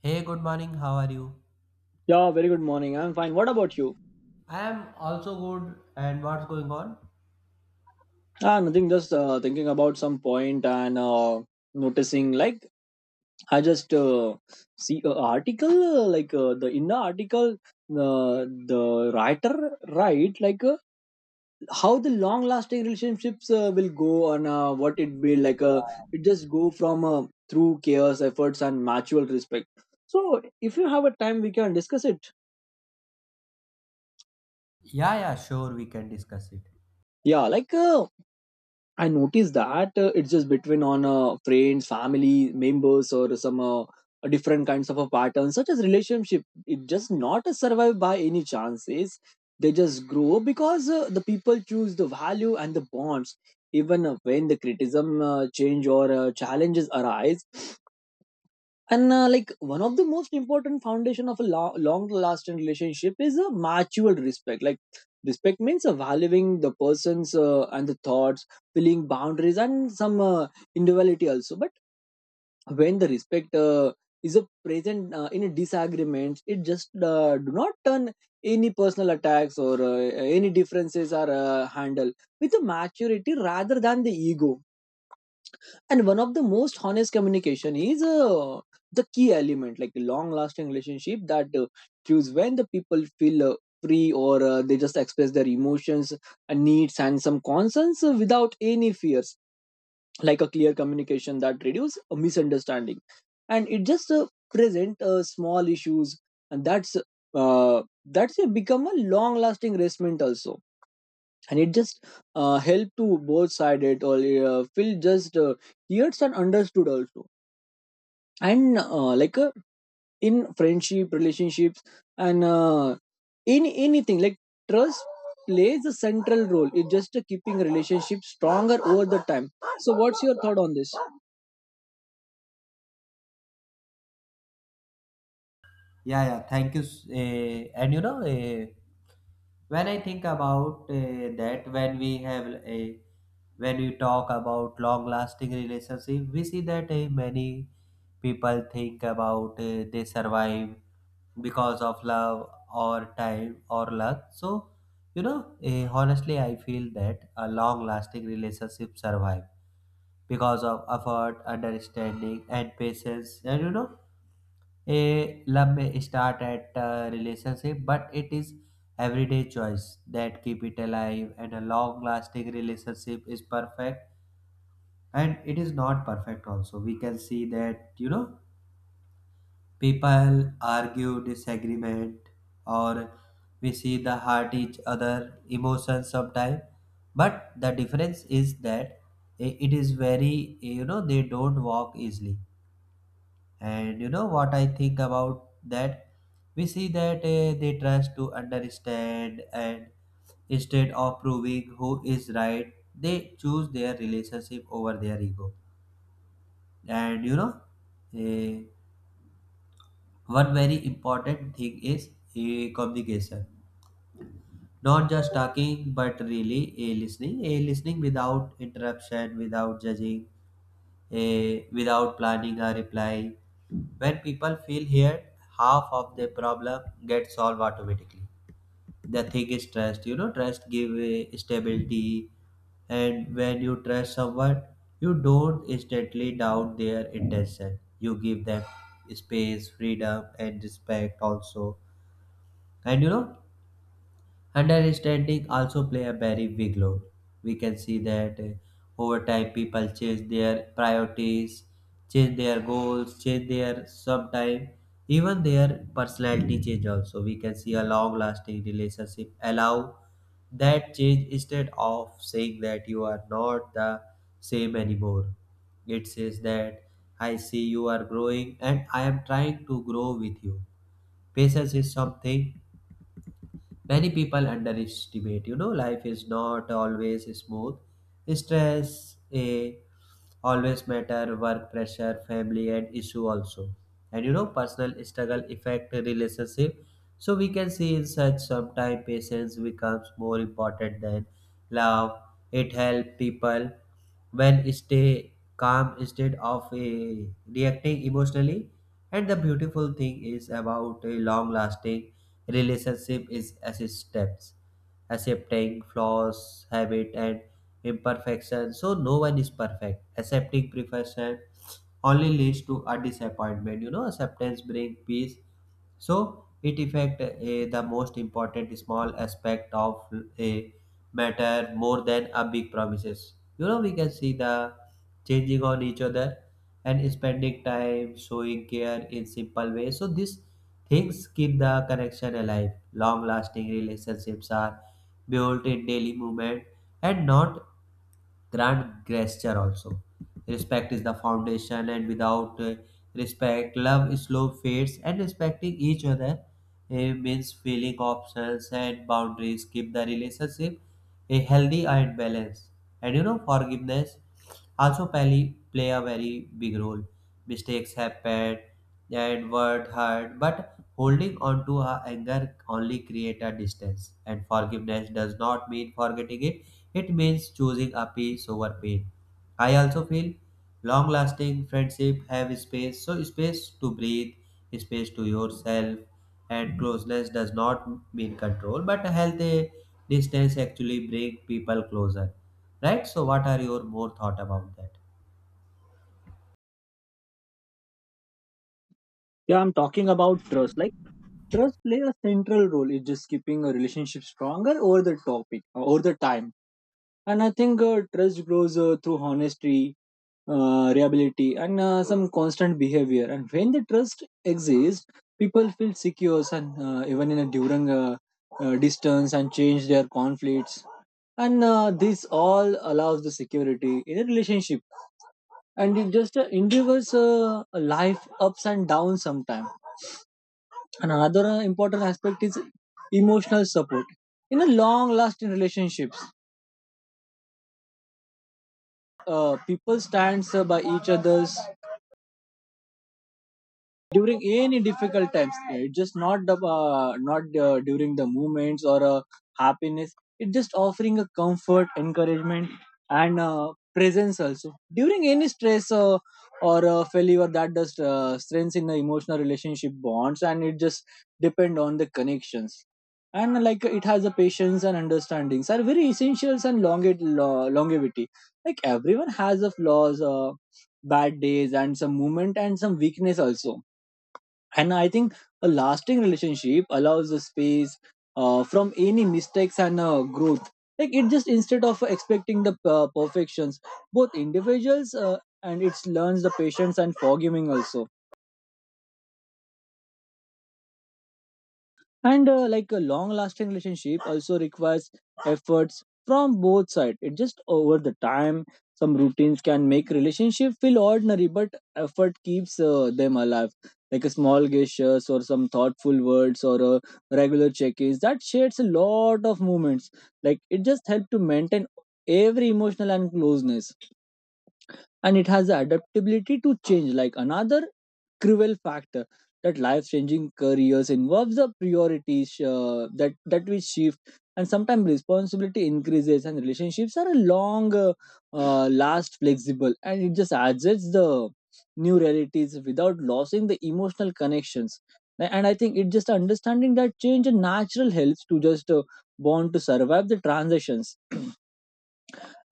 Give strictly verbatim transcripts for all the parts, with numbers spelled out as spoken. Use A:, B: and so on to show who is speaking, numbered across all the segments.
A: Hey, good morning. How are you?
B: Yeah, very good morning. I'm fine. What about you?
A: I am also good. And what's going on?
B: Ah, nothing. Just uh, thinking about some point and uh, noticing. Like I just uh, see a article. Uh, like uh, the in the article, uh, the writer write like uh, how the long lasting relationships uh, will go and uh, what it be like. Uh, it just go from uh, through chaos, efforts, and mutual respect. So if you have a time, we can discuss it.
A: Yeah, yeah, sure. We can discuss it.
B: Yeah, like uh, I noticed that uh, it's just between on uh, friends, family members, or some uh, different kinds of a pattern, such as relationship. It just not survive by any chances. They just grow because uh, the people choose the value and the bonds, even uh, when the criticism uh, change or uh, challenges arise and uh, like one of the most important foundation of a lo- long lasting relationship is a mutual respect. Like respect means uh, valuing the person's uh, and the thoughts, feeling, boundaries, and some uh, individuality also. But when the respect uh, is a present uh, in a disagreement, it just uh, do not turn any personal attacks or uh, any differences are uh, handled with a maturity rather than the ego. And one of the most honest communication is uh, the key element, like a long lasting relationship that uh, choose when the people feel uh, free or uh, they just express their emotions, uh, needs, and some concerns uh, without any fears. Like a clear communication that reduce a misunderstanding, and it just uh, present uh, small issues, and that's uh, that's uh, become a long lasting resentment also. And it just uh, help to both sided or uh, feel just uh, heard and understood also. And uh, like uh, in friendship relationships and uh, in anything, like trust plays a central role in just uh, keeping relationship stronger over the time. So what's your thought on this?
A: Yeah, yeah. Thank you. s- eh, and you know, eh, when I think about eh, that, when we have a, when we talk about long-lasting relationship, we see that eh, many people think about eh, they survive because of love or time or luck. So, you know, eh, honestly, I feel that a long-lasting relationship survive because of effort, understanding, and patience. And you know, a love may start at a relationship, but it is everyday choice that keep it alive. And a long-lasting relationship is perfect, and it is not perfect. Also, we can see that you know people argue, disagreement, or we see the hurt each other emotions sometimes. But the difference is that i- it is very. You know they don't walk easily. And you know what I think about that? We see that uh, they trust to understand, and instead of proving who is right, they choose their relationship over their ego. And you know, eh, one very important thing is eh, communication. Not just talking, but really eh, listening. Eh, listening without interruption, without judging, eh, without planning a reply. When people feel heard, half of their problem gets solved automatically. The thing is trust. You know, trust give eh, stability, and when you trust someone, you don't instantly doubt their intention. You give them space, freedom, and respect also. And you know, understanding also play a very big role. We can see that uh, over time people change their priorities, change their goals, change their sometime even their personality change also. We can see a long lasting relationship allow that change instead of saying that you are not the same anymore. It says that I see you are growing and I am trying to grow with you. Patience is something many people underestimate. You know, life is not always smooth. Stress a always matter, work pressure, family and issue also. And you know, personal struggle affect relationship. So we can see in such sometime patience becomes more important than love. It help people when stay calm instead of eh, reacting emotionally, and the beautiful thing is about a long lasting relationship is acceptance, accepting flaws habit and imperfection. So no one is perfect, accepting perfection only leads to a disappointment. You know acceptance brings peace. So it affect eh, the most important small aspect of a matter more than a big promises. You know we can see the changing on each other and spending time showing care in simple ways. So these things keep the connection alive. Long lasting relationships are built in daily movement and not grand gesture also. Respect is the foundation, and without uh, respect, love slow fades. And respecting each other uh, means feeling options and boundaries keep the relationship a healthy and balanced. And you know, forgiveness also play, play a very big role. Mistakes happen and Edward hurt, but holding on to our anger only create a distance. And forgiveness does not mean forgetting it; it means choosing a peace over pain. I also feel long-lasting friendship have space, so space to breathe, space to yourself, and closeness does not mean control, but a healthy distance actually bring people closer, right? So what are your more thought about that?
B: Yeah, I'm talking about trust. Like trust play a central role in just keeping a relationship stronger over the topic, over the time. And I think uh, trust grows uh, through honesty, uh, reliability, and uh, some constant behavior. And when the trust exists, people feel secure and uh, even in a during uh, uh, distance and change their conflicts, and uh, this all allows the security in a relationship, and it just uh, endures uh, life ups and downs sometimes. And another uh, important aspect is emotional support. In a long lasting relationships, uh, people stands uh, by each others during any difficult times. It just not the uh, not uh, during the moments or uh, happiness. It just offering a comfort, encouragement, and uh, presence also during any stress uh, or uh, failure that does uh, strengths in the emotional relationship bonds, and it just depend on the connections. And like it has the patience and understandings are very essentials and longe- lo- longevity. Like everyone has the flaws, uh, bad days, and some movement and some weakness also. And I think a lasting relationship allows the space uh, from any mistakes and uh, growth. Like it just instead of expecting the uh, perfections, both individuals, uh, and it learns the patience and forgiving also. And uh, like a long lasting relationship also requires efforts from both sides. It just over the time, some routines can make relationship feel ordinary, but effort keeps uh, them alive. Like a small gestures or some thoughtful words or uh, regular check-ins that shares a lot of moments. Like it just helps to maintain every emotional and closeness. And it has the adaptability to change, like another cruel factor that life-changing careers involves the priorities uh, that that we shift, and sometimes responsibility increases and relationships are a long uh, uh, last flexible, and it just adjusts the new realities without losing the emotional connections. A- and I think it just understanding that change and natural helps to just uh, born to survive the transitions.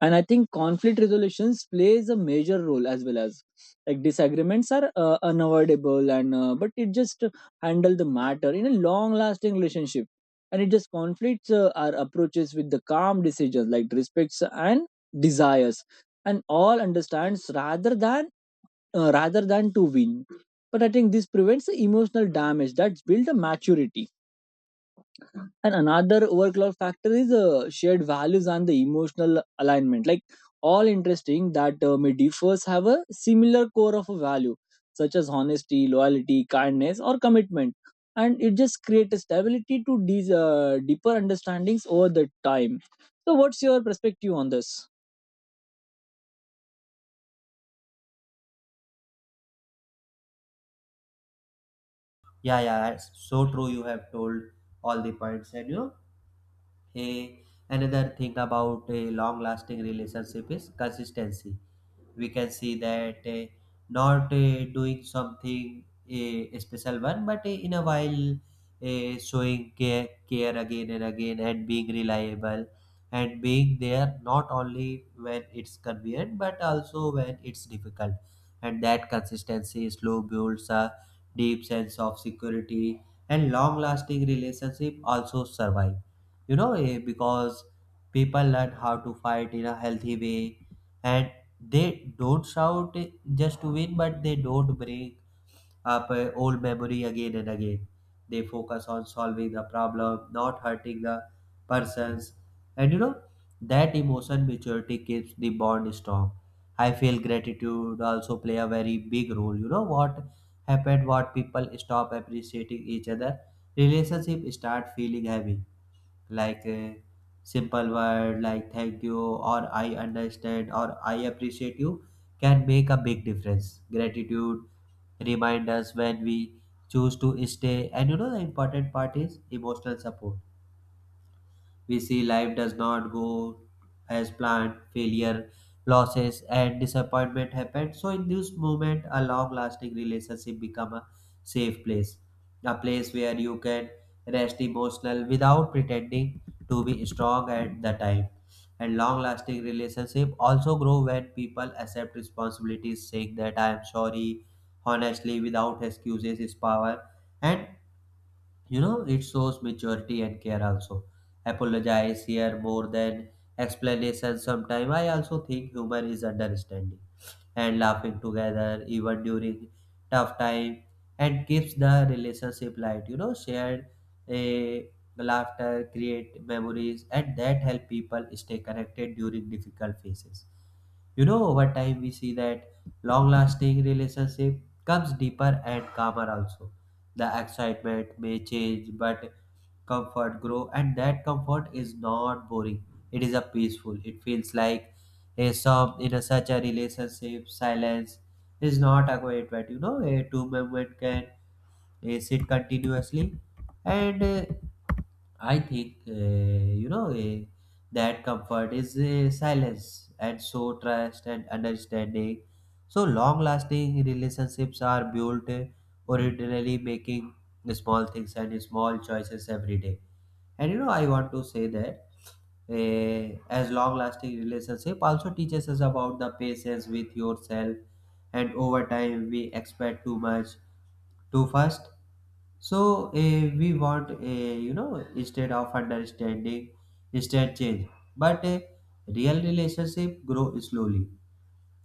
B: And I think conflict resolutions plays a major role as well. As like disagreements are uh, unavoidable, and uh, but it just handle the matter in a long lasting relationship. And it just conflicts uh, our approaches with the calm decisions, like respects and desires and all understands rather than uh, rather than to win. But I think this prevents the emotional damage that's built a maturity. And another overcloud factor is uh, shared values and the emotional alignment. Like all interesting that uh, may differs have a similar core of a value, such as honesty, loyalty, kindness, or commitment. And it just creates a stability to these uh, deeper understandings over the time. So, what's your perspective on this?
A: Yeah, yeah, that's so true. You have told all the points. And you know A, another thing about a long lasting relationship is consistency. We can see that uh, not uh, doing something a special one, but uh, in a while, uh, showing care, care again and again, and being reliable, and being there not only when it's convenient but also when it's difficult. And that consistency slow builds a deep sense of security, and long lasting relationship also survive, you know eh, because people learn how to fight in a healthy way, and they don't shout, eh, just to win, but they don't bring up eh, old memory again and again. They focus on solving the problem, not hurting the persons. And you know that emotion maturity keeps the bond strong. I feel gratitude also play a very big role. You know what happened, what people stop appreciating each other, relationship start feeling heavy. Like a simple word like thank you or I understand or I appreciate you can make a big difference. Gratitude remind us when we choose to stay. And you know the important part is emotional support. We see life does not go as planned. Failure, losses, and disappointment happen. So in this moment, a long-lasting relationship become a safe place, a place where you can rest emotional without pretending to be strong at the time. And long-lasting relationship also grow when people accept responsibilities, saying that I am sorry honestly without excuses is power. And you know, it shows maturity and care also. Apologize here more than explanation. Sometimes I also think humor is understanding, and laughing together even during tough time, and keeps the relationship light. You know shared a laughter create memories, and that help people stay connected during difficult phases. You know over time we see that long lasting relationship comes deeper and calmer also. The excitement may change, but comfort grow and that comfort is not boring. It is a peaceful. It feels like a some in a such a relationship. Silence is not a quiet, but you know a two moment can uh, sit continuously. And uh, I think uh, you know uh, that comfort is uh, silence. And so trust and understanding. So long lasting relationships are built uh, originally making small things and small choices every day. And you know, I want to say that eh, as long-lasting relationship also teaches us about the patience with yourself, and over time we expect too much too fast. So eh, we want, eh, you know, instead of understanding, instead change. But a real relationship grow slowly,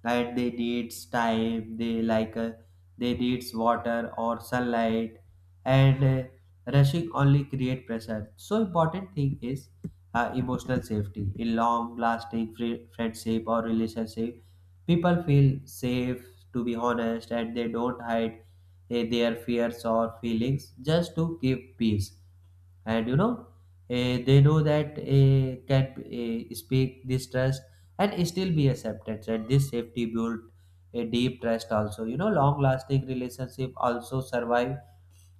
A: right? They needs time. They like uh, they needs water or sunlight, and uh, rushing only create pressure. So important thing is uh, emotional safety in long lasting fri friendship or relationship. People feel safe to be honest, and they don't hide eh, their fears or feelings just to give peace. And you know eh, they know that eh, can eh, speak this trust and still be accepted, and this safety built a deep trust also. You know long lasting relationship also survive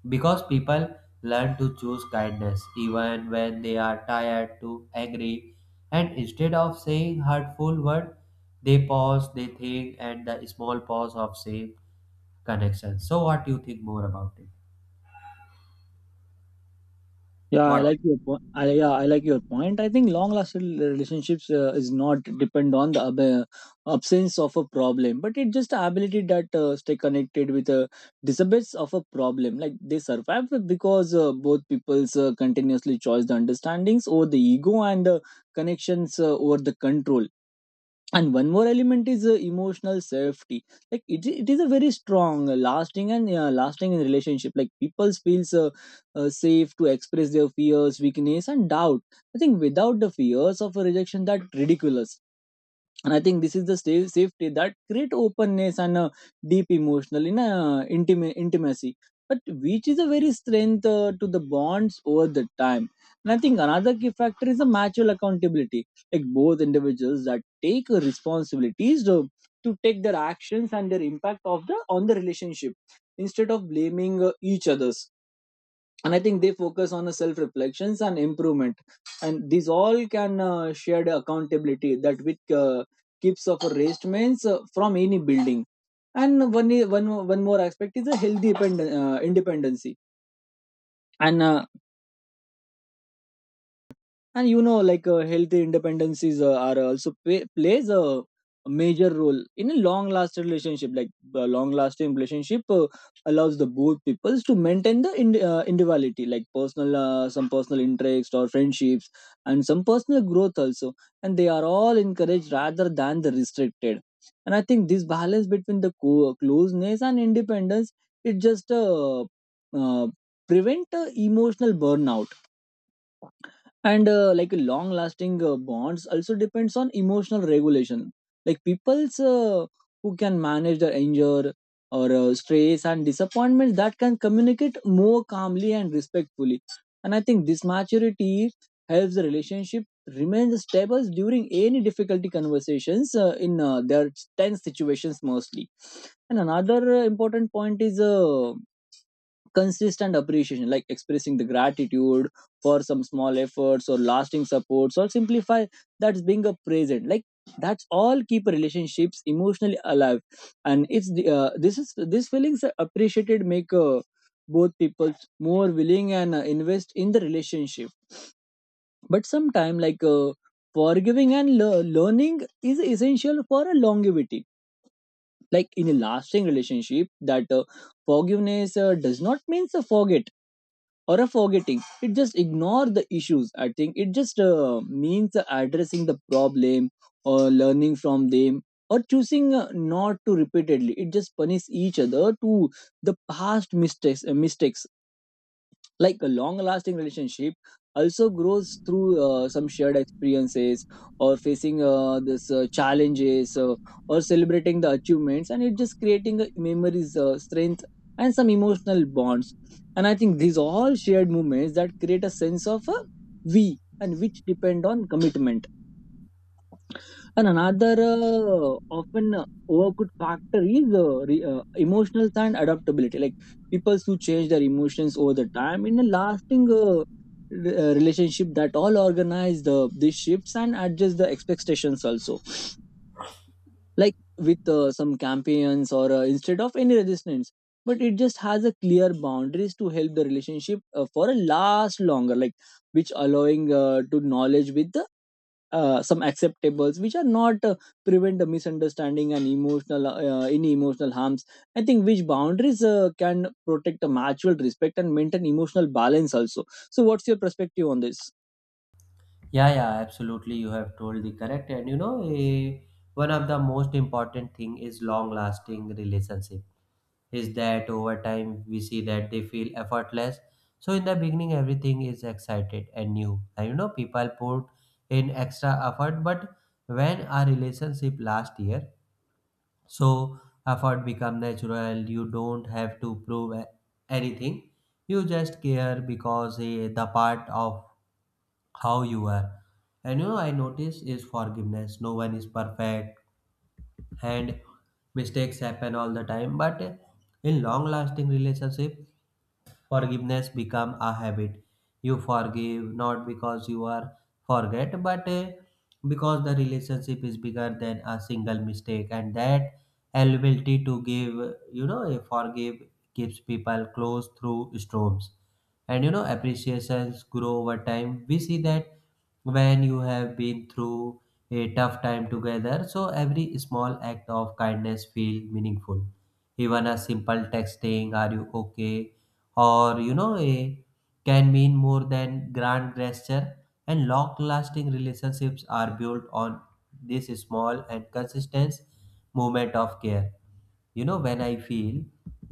A: because people learn to choose kindness even when they are tired to angry. And instead of saying hurtful word, they pause, they think, and the small pause of same connection. So what do you think more about it?
B: Yeah, I
A: What?
B: like your point. I, yeah, I like your point. I think long-lasting relationships uh, is not depend on the ab- uh, absence of a problem, but it just the ability that uh, stay connected with a dissipates of a problem. Like they survive because uh, both people's uh, continuously choice the understandings over the ego and the connections uh, over the control. And one more element is uh, emotional safety. Like it, it is a very strong uh, lasting and uh, lasting in relationship. Like people feels uh, uh, safe to express their fears, weakness, and doubt, I think, without the fears of a rejection that ridiculous. And I think this is the safe, safety that create openness and uh, deep emotional in uh, intima- intimacy, but which is a very strength uh, to the bonds over the time. And I think another key factor is the mutual accountability. Like both individuals that take uh, responsibilities to, to take their actions and their impact of the on the relationship instead of blaming uh, each others. And I think they focus on the self reflections and improvement, and these all can uh, shared accountability that which uh, keeps of raised means uh, from any building. And one one one more aspect is a healthy pend- uh, independency. And uh, and you know like uh, healthy independencies uh, are also play, plays a major role in a long lasting relationship. Like a long lasting relationship uh, allows the both peoples to maintain the ind- uh, individuality, like personal uh, some personal interest or friendships and some personal growth also, and they are all encouraged rather than the restricted. And I think this balance between the co- closeness and independence, it just uh, uh, prevent uh, emotional burnout. And uh, like long lasting uh, bonds also depends on emotional regulation. Like people's uh, who can manage their anger or uh, stress and disappointment that can communicate more calmly and respectfully. And I think this maturity helps the relationship remain stable during any difficulty conversations uh, in uh, their tense situations mostly. And another uh, important point is uh, consistent appreciation, like expressing the gratitude for some small efforts or lasting supports or simplify that's being a present. Like that's all keep relationships emotionally alive. And it's the, uh, this is these feelings are appreciated make uh, both people more willing and uh, invest in the relationship. But sometime like uh, forgiving and le- learning is essential for a longevity. Like in a lasting relationship that uh, forgiveness uh, does not mean to forget or a forgetting. It just ignore the issues, I think. It just uh, means addressing the problem or learning from them or choosing uh, not to repeatedly. It just punish each other to the past mistakes uh, mistakes. Like a long lasting relationship also grows through uh, some shared experiences or facing uh, this uh, challenges, uh, or celebrating the achievements, and it just creating a memories, uh, strength and some emotional bonds. And I think these all shared moments that create a sense of uh, we, and which depend on commitment. And another uh, often overlooked factor is uh, re- uh, emotional and adaptability. Like people who change their emotions over the time in a lasting uh, re- uh, relationship that all organize the these shifts and adjust the expectations also. Like with uh, some campaigns or uh, instead of any resistance, but it just has a clear boundaries to help the relationship uh, for a last longer. Like which allowing uh, to knowledge with the uh, some acceptables which are not uh, prevent the misunderstanding and emotional uh, any emotional harms, I think, which boundaries uh, can protect the mutual respect and maintain emotional balance also. So what's your perspective on this?
A: Yeah, yeah, absolutely. You have told the correct. And you know, eh, one of the most important thing is long lasting relationship is that over time we see that they feel effortless. So in the beginning, everything is excited and new. And you know, people put in extra effort, but when a relationship last year, so effort become natural. You don't have to prove a- anything. You just care because eh, the part of how you are. And you know, I notice is forgiveness. No one is perfect, and mistakes happen all the time. But in long-lasting relationship, forgiveness become a habit. You forgive not because you are forget, but uh, because the relationship is bigger than a single mistake, and that ability to give, you know, a forgive keeps people close through storms. And you know, appreciations grow over time. We see that when you have been through a tough time together, so every small act of kindness feel meaningful, even a simple texting are you okay or you know a, can mean more than grand gesture. And long lasting relationships are built on this small and consistent movement of care. You know when I feel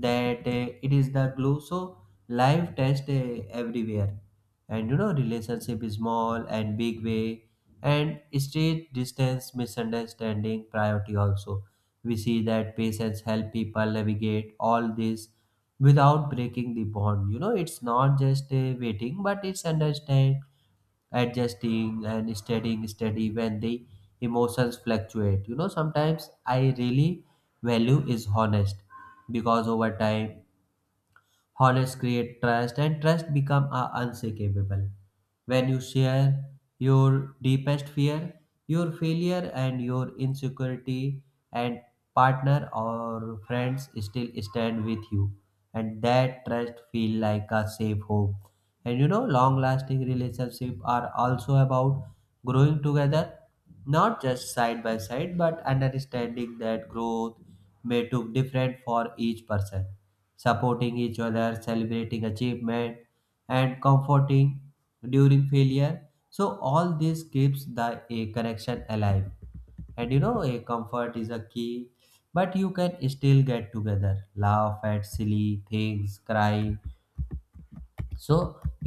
A: that uh, it is the glue. So life test uh, everywhere. And you know relationship is small and big way, and straight distance, misunderstanding, priority also. We see that patients help people navigate all this without breaking the bond. You know it's not just uh, waiting, but it's understand, adjusting, and staying steady when the emotions fluctuate. You know sometimes I really value is honest, because over time honest create trust, and trust become a unshakable. When you share your deepest fear, your failure and your insecurity, and partner or friends still stand with you, and that trust feel like a safe home. And you know, long lasting relationships are also about growing together, not just side by side, but understanding that growth may look different for each person, supporting each other, celebrating achievement, and comforting during failure. So all this keeps the a connection alive. And you know, a comfort is a key, but you can still get together, laugh at silly things, cry, so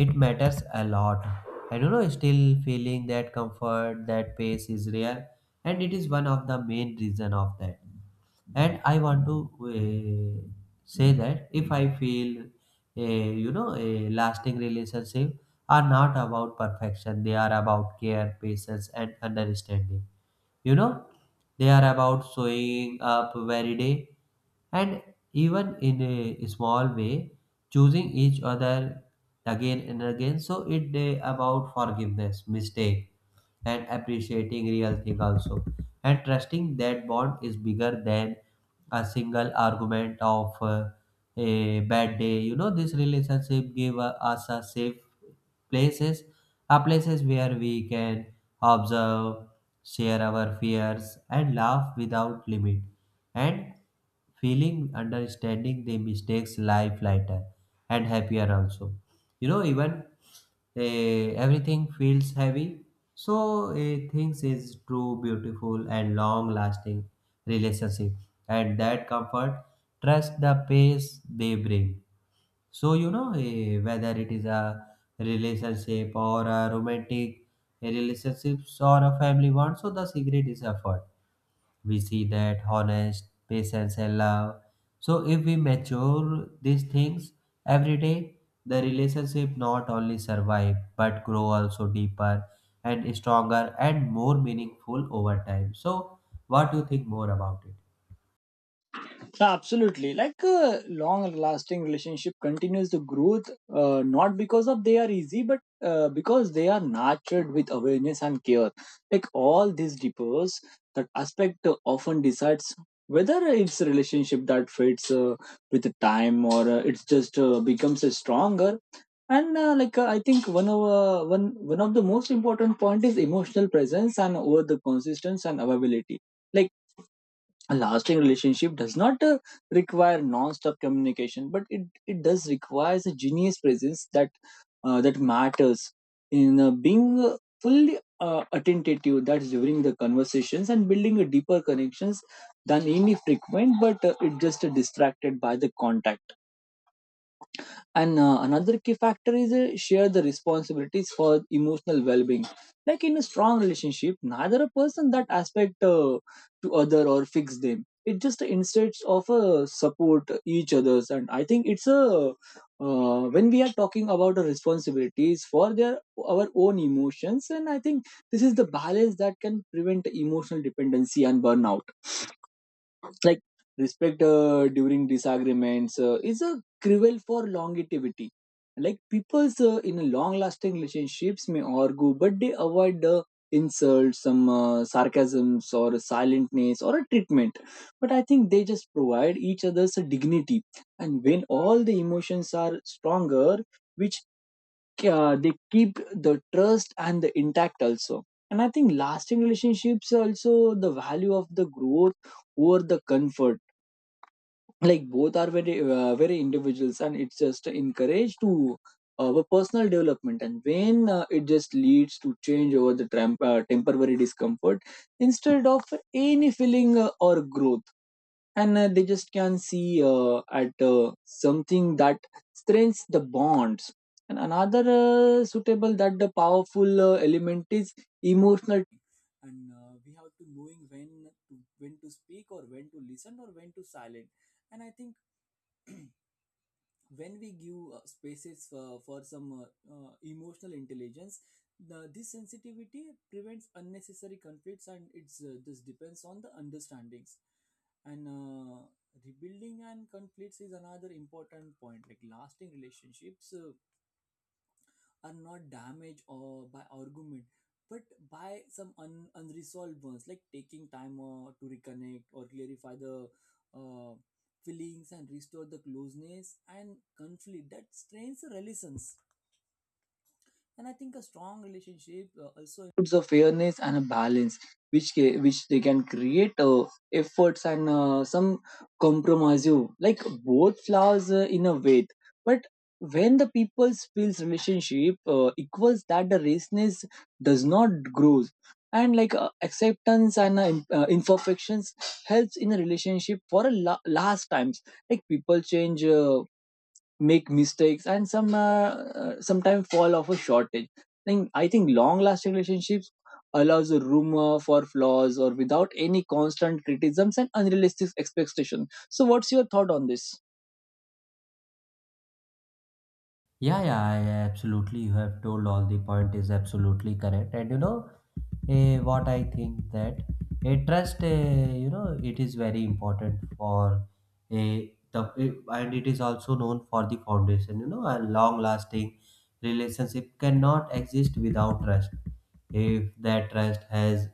A: it matters a lot. I don't know, still feeling that comfort, that pace is rare, and it is one of the main reason of that. And I want to uh, say that if I feel a, you know, a lasting relationship are not about perfection, they are about care, patience and understanding. You know, they are about showing up every day, and even in a small way, choosing each other again and again. So it uh, about forgiveness mistake and appreciating real thing also, and trusting that bond is bigger than a single argument of uh, a bad day. You know, this relationship give uh, us a safe places, are places where we can observe, share our fears, and laugh without limit, and feeling understanding the mistakes life lighter and happier also. You know, even eh, everything feels heavy, so eh, things is true, beautiful, and long lasting relationship, and that comfort, trust the pace they bring. So, you know, eh, whether it is a relationship or a romantic relationships or a family one, so the secret is effort. We see that honest, patience, and love. So, if we mature these things every day, the relationship not only survive but grow also deeper and stronger and more meaningful over time. So, what do you think more about it?
B: Absolutely. Like a long lasting relationship continues to growth, uh, not because of they are easy, but uh, because they are nurtured with awareness and care. Like all these deepers, that aspect uh, often decides whether it's a relationship that fades uh, with the time or uh, it's just uh, becomes a stronger. And uh, like uh, I think one of uh, one one of the most important point is emotional presence and over the consistency and availability. Like a lasting relationship does not uh, require non-stop communication but it, it does requires a genius presence that uh, that matters in uh, being uh, fully uh, attentive that's during the conversations and building a deeper connections than any frequent but uh, it just uh, distracted by the contact and uh, another key factor is uh, share the responsibilities for emotional well-being. Like in a strong relationship, neither a person that aspect uh, to other or fix them. It just instead of uh, support each others, and I think it's a uh, when we are talking about the responsibilities for their our own emotions, and I think this is the balance that can prevent emotional dependency and burnout like respect uh, during disagreements uh, is a cruel for longevity like people's uh, in a long lasting relationships may argue but they avoid the insults some uh, sarcasms or a silentness or a treatment but I think they just provide each other's a dignity and when all the emotions are stronger which uh, they keep the trust and the intact also. And I think lasting relationships also the value of the growth over the comfort like both are very uh, very individuals, and it's just encouraged to uh, our personal development. And when uh, it just leads to change over the tramp, uh, temporary discomfort instead of any feeling uh, or growth, and uh, they just can see uh, at uh, something that strengthens the bonds. And another uh, suitable that the powerful uh, element is emotional and uh, we have to knowing when to when to speak or when to listen or when to silent. And I think when we give uh, spaces for, for some uh, uh, emotional intelligence, the, this sensitivity prevents unnecessary conflicts and it's uh, this depends on the understandings. And uh, Rebuilding and conflicts is another important point like lasting relationships uh, are not damaged or by argument but by some un- unresolved ones like taking time uh, to reconnect or clarify the uh, feelings and restore the closeness and conflict that strains the relations. And I think a strong relationship uh, also includes a fairness and a balance, which ca- which they can create uh, efforts and uh, some compromise. You like both flowers uh, in a way, but when the people feels relationship uh, equals that the raceness does not grow. And like uh, acceptance and uh, im- uh, imperfections helps in a relationship for a la- last times like people change uh, make mistakes and some uh, uh, sometimes fall off a shortage. And I think long lasting relationships allows a room uh, for flaws or without any constant criticisms and unrealistic expectations. So what's your thought on this?
A: Yeah, yeah, I absolutely. You have told all the point is absolutely correct. And you know, eh, what I think that a trust, eh, you know, it is very important for a the eh, and it is also known for the foundation. You know, a long-lasting relationship cannot exist without trust. If that trust has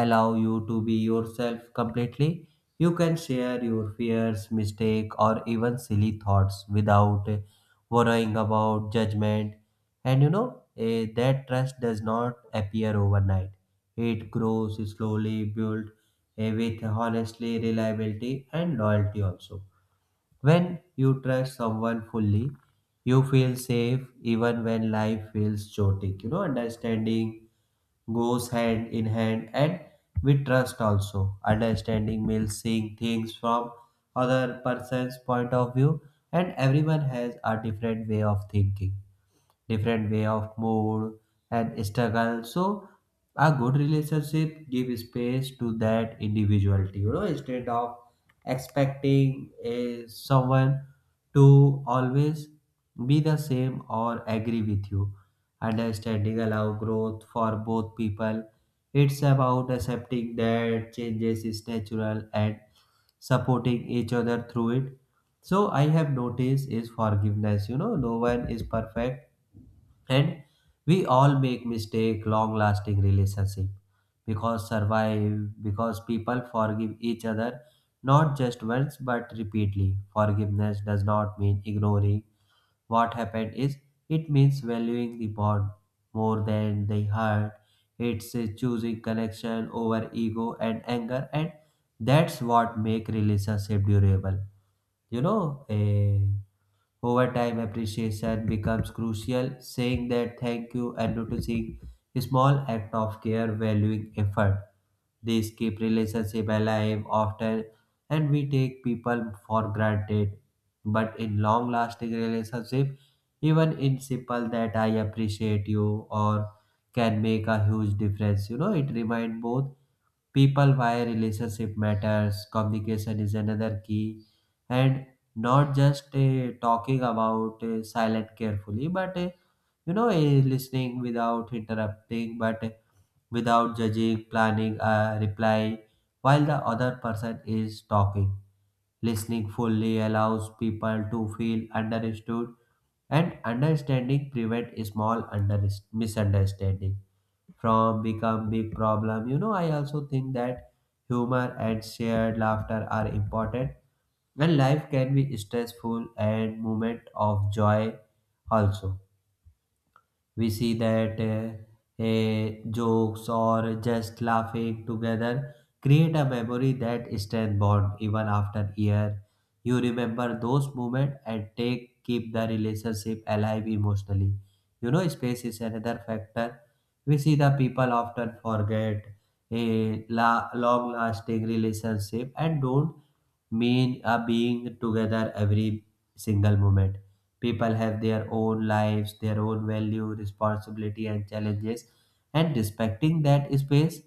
A: allow you to be yourself completely, you can share your fears, mistake, or even silly thoughts without eh, worrying about judgment. And you know, eh, that trust does not appear overnight. It grows slowly, built eh, with honestly reliability and loyalty also. When you trust someone fully, you feel safe even when life feels chaotic. You know, understanding goes hand in hand and with trust also. Understanding means seeing things from other person's point of view, and everyone has a different way of thinking, different way of mood and struggle. So a good relationship give space to that individuality. You know, instead of expecting a, someone to always be the same or agree with you, understanding allow growth for both people. It's about accepting that changes is natural and supporting each other through it. So I have noticed is forgiveness. You know, no one is perfect, and we all make mistake. Long lasting relationship because survive because people forgive each other, not just once but repeatedly. Forgiveness does not mean ignoring what happened is, it means valuing the bond more than the hurt. It's uh, choosing connection over ego and anger, and that's what make relationship durable. You know, eh, over time, appreciation becomes crucial, saying that thank you and noticing small act of care, valuing effort. These keep relationship alive often, and we take people for granted. But in long lasting relationship, even in simple that I appreciate you or can make a huge difference. You know, it reminds both people why relationship matters. Communication is another key, and not just uh, talking about uh, silent carefully, but uh, you know, uh, listening without interrupting, but uh, without judging, planning a reply while the other person is talking. Listening fully allows people to feel understood, and understanding prevent small under- misunderstanding from become big problem. You know, I also think that humor and shared laughter are important when life can be stressful, and moment of joy also. We see that uh, eh, jokes or just laughing together create a memory that strength bond even after year. You remember those moments and take keep the relationship alive emotionally. You know, space is another factor. We see the people often forget a la- long lasting relationship and don't mean are being together every single moment. People have their own lives, their own value, responsibility, and challenges, and respecting that space,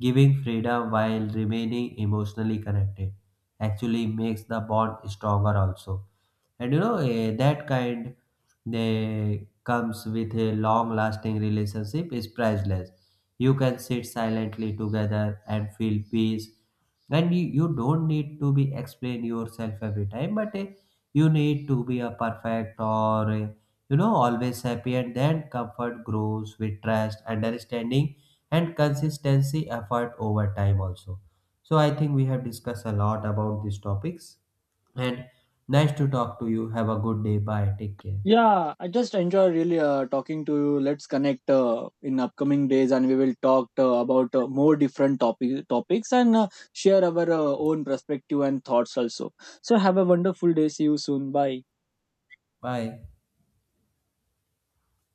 A: giving freedom while remaining emotionally connected, actually makes the bond stronger also. And you know, eh, that kind they comes with a long-lasting relationship is priceless. You can sit silently together and feel peace, and you, you don't need to be explain yourself every time, but eh, you need to be a perfect, or eh, you know, always happy, and then comfort grows with trust, understanding and consistency effort over time also. So I think we have discussed a lot about these topics, and nice to talk to you. Have a good day. Bye, take care.
B: Yeah, I just enjoy really uh, talking to you. Let's connect uh, in upcoming days and we will talk uh, about uh, more different topic- topics and uh, share our uh, own perspective and thoughts also. So have a wonderful day, see you soon, bye.
A: Bye.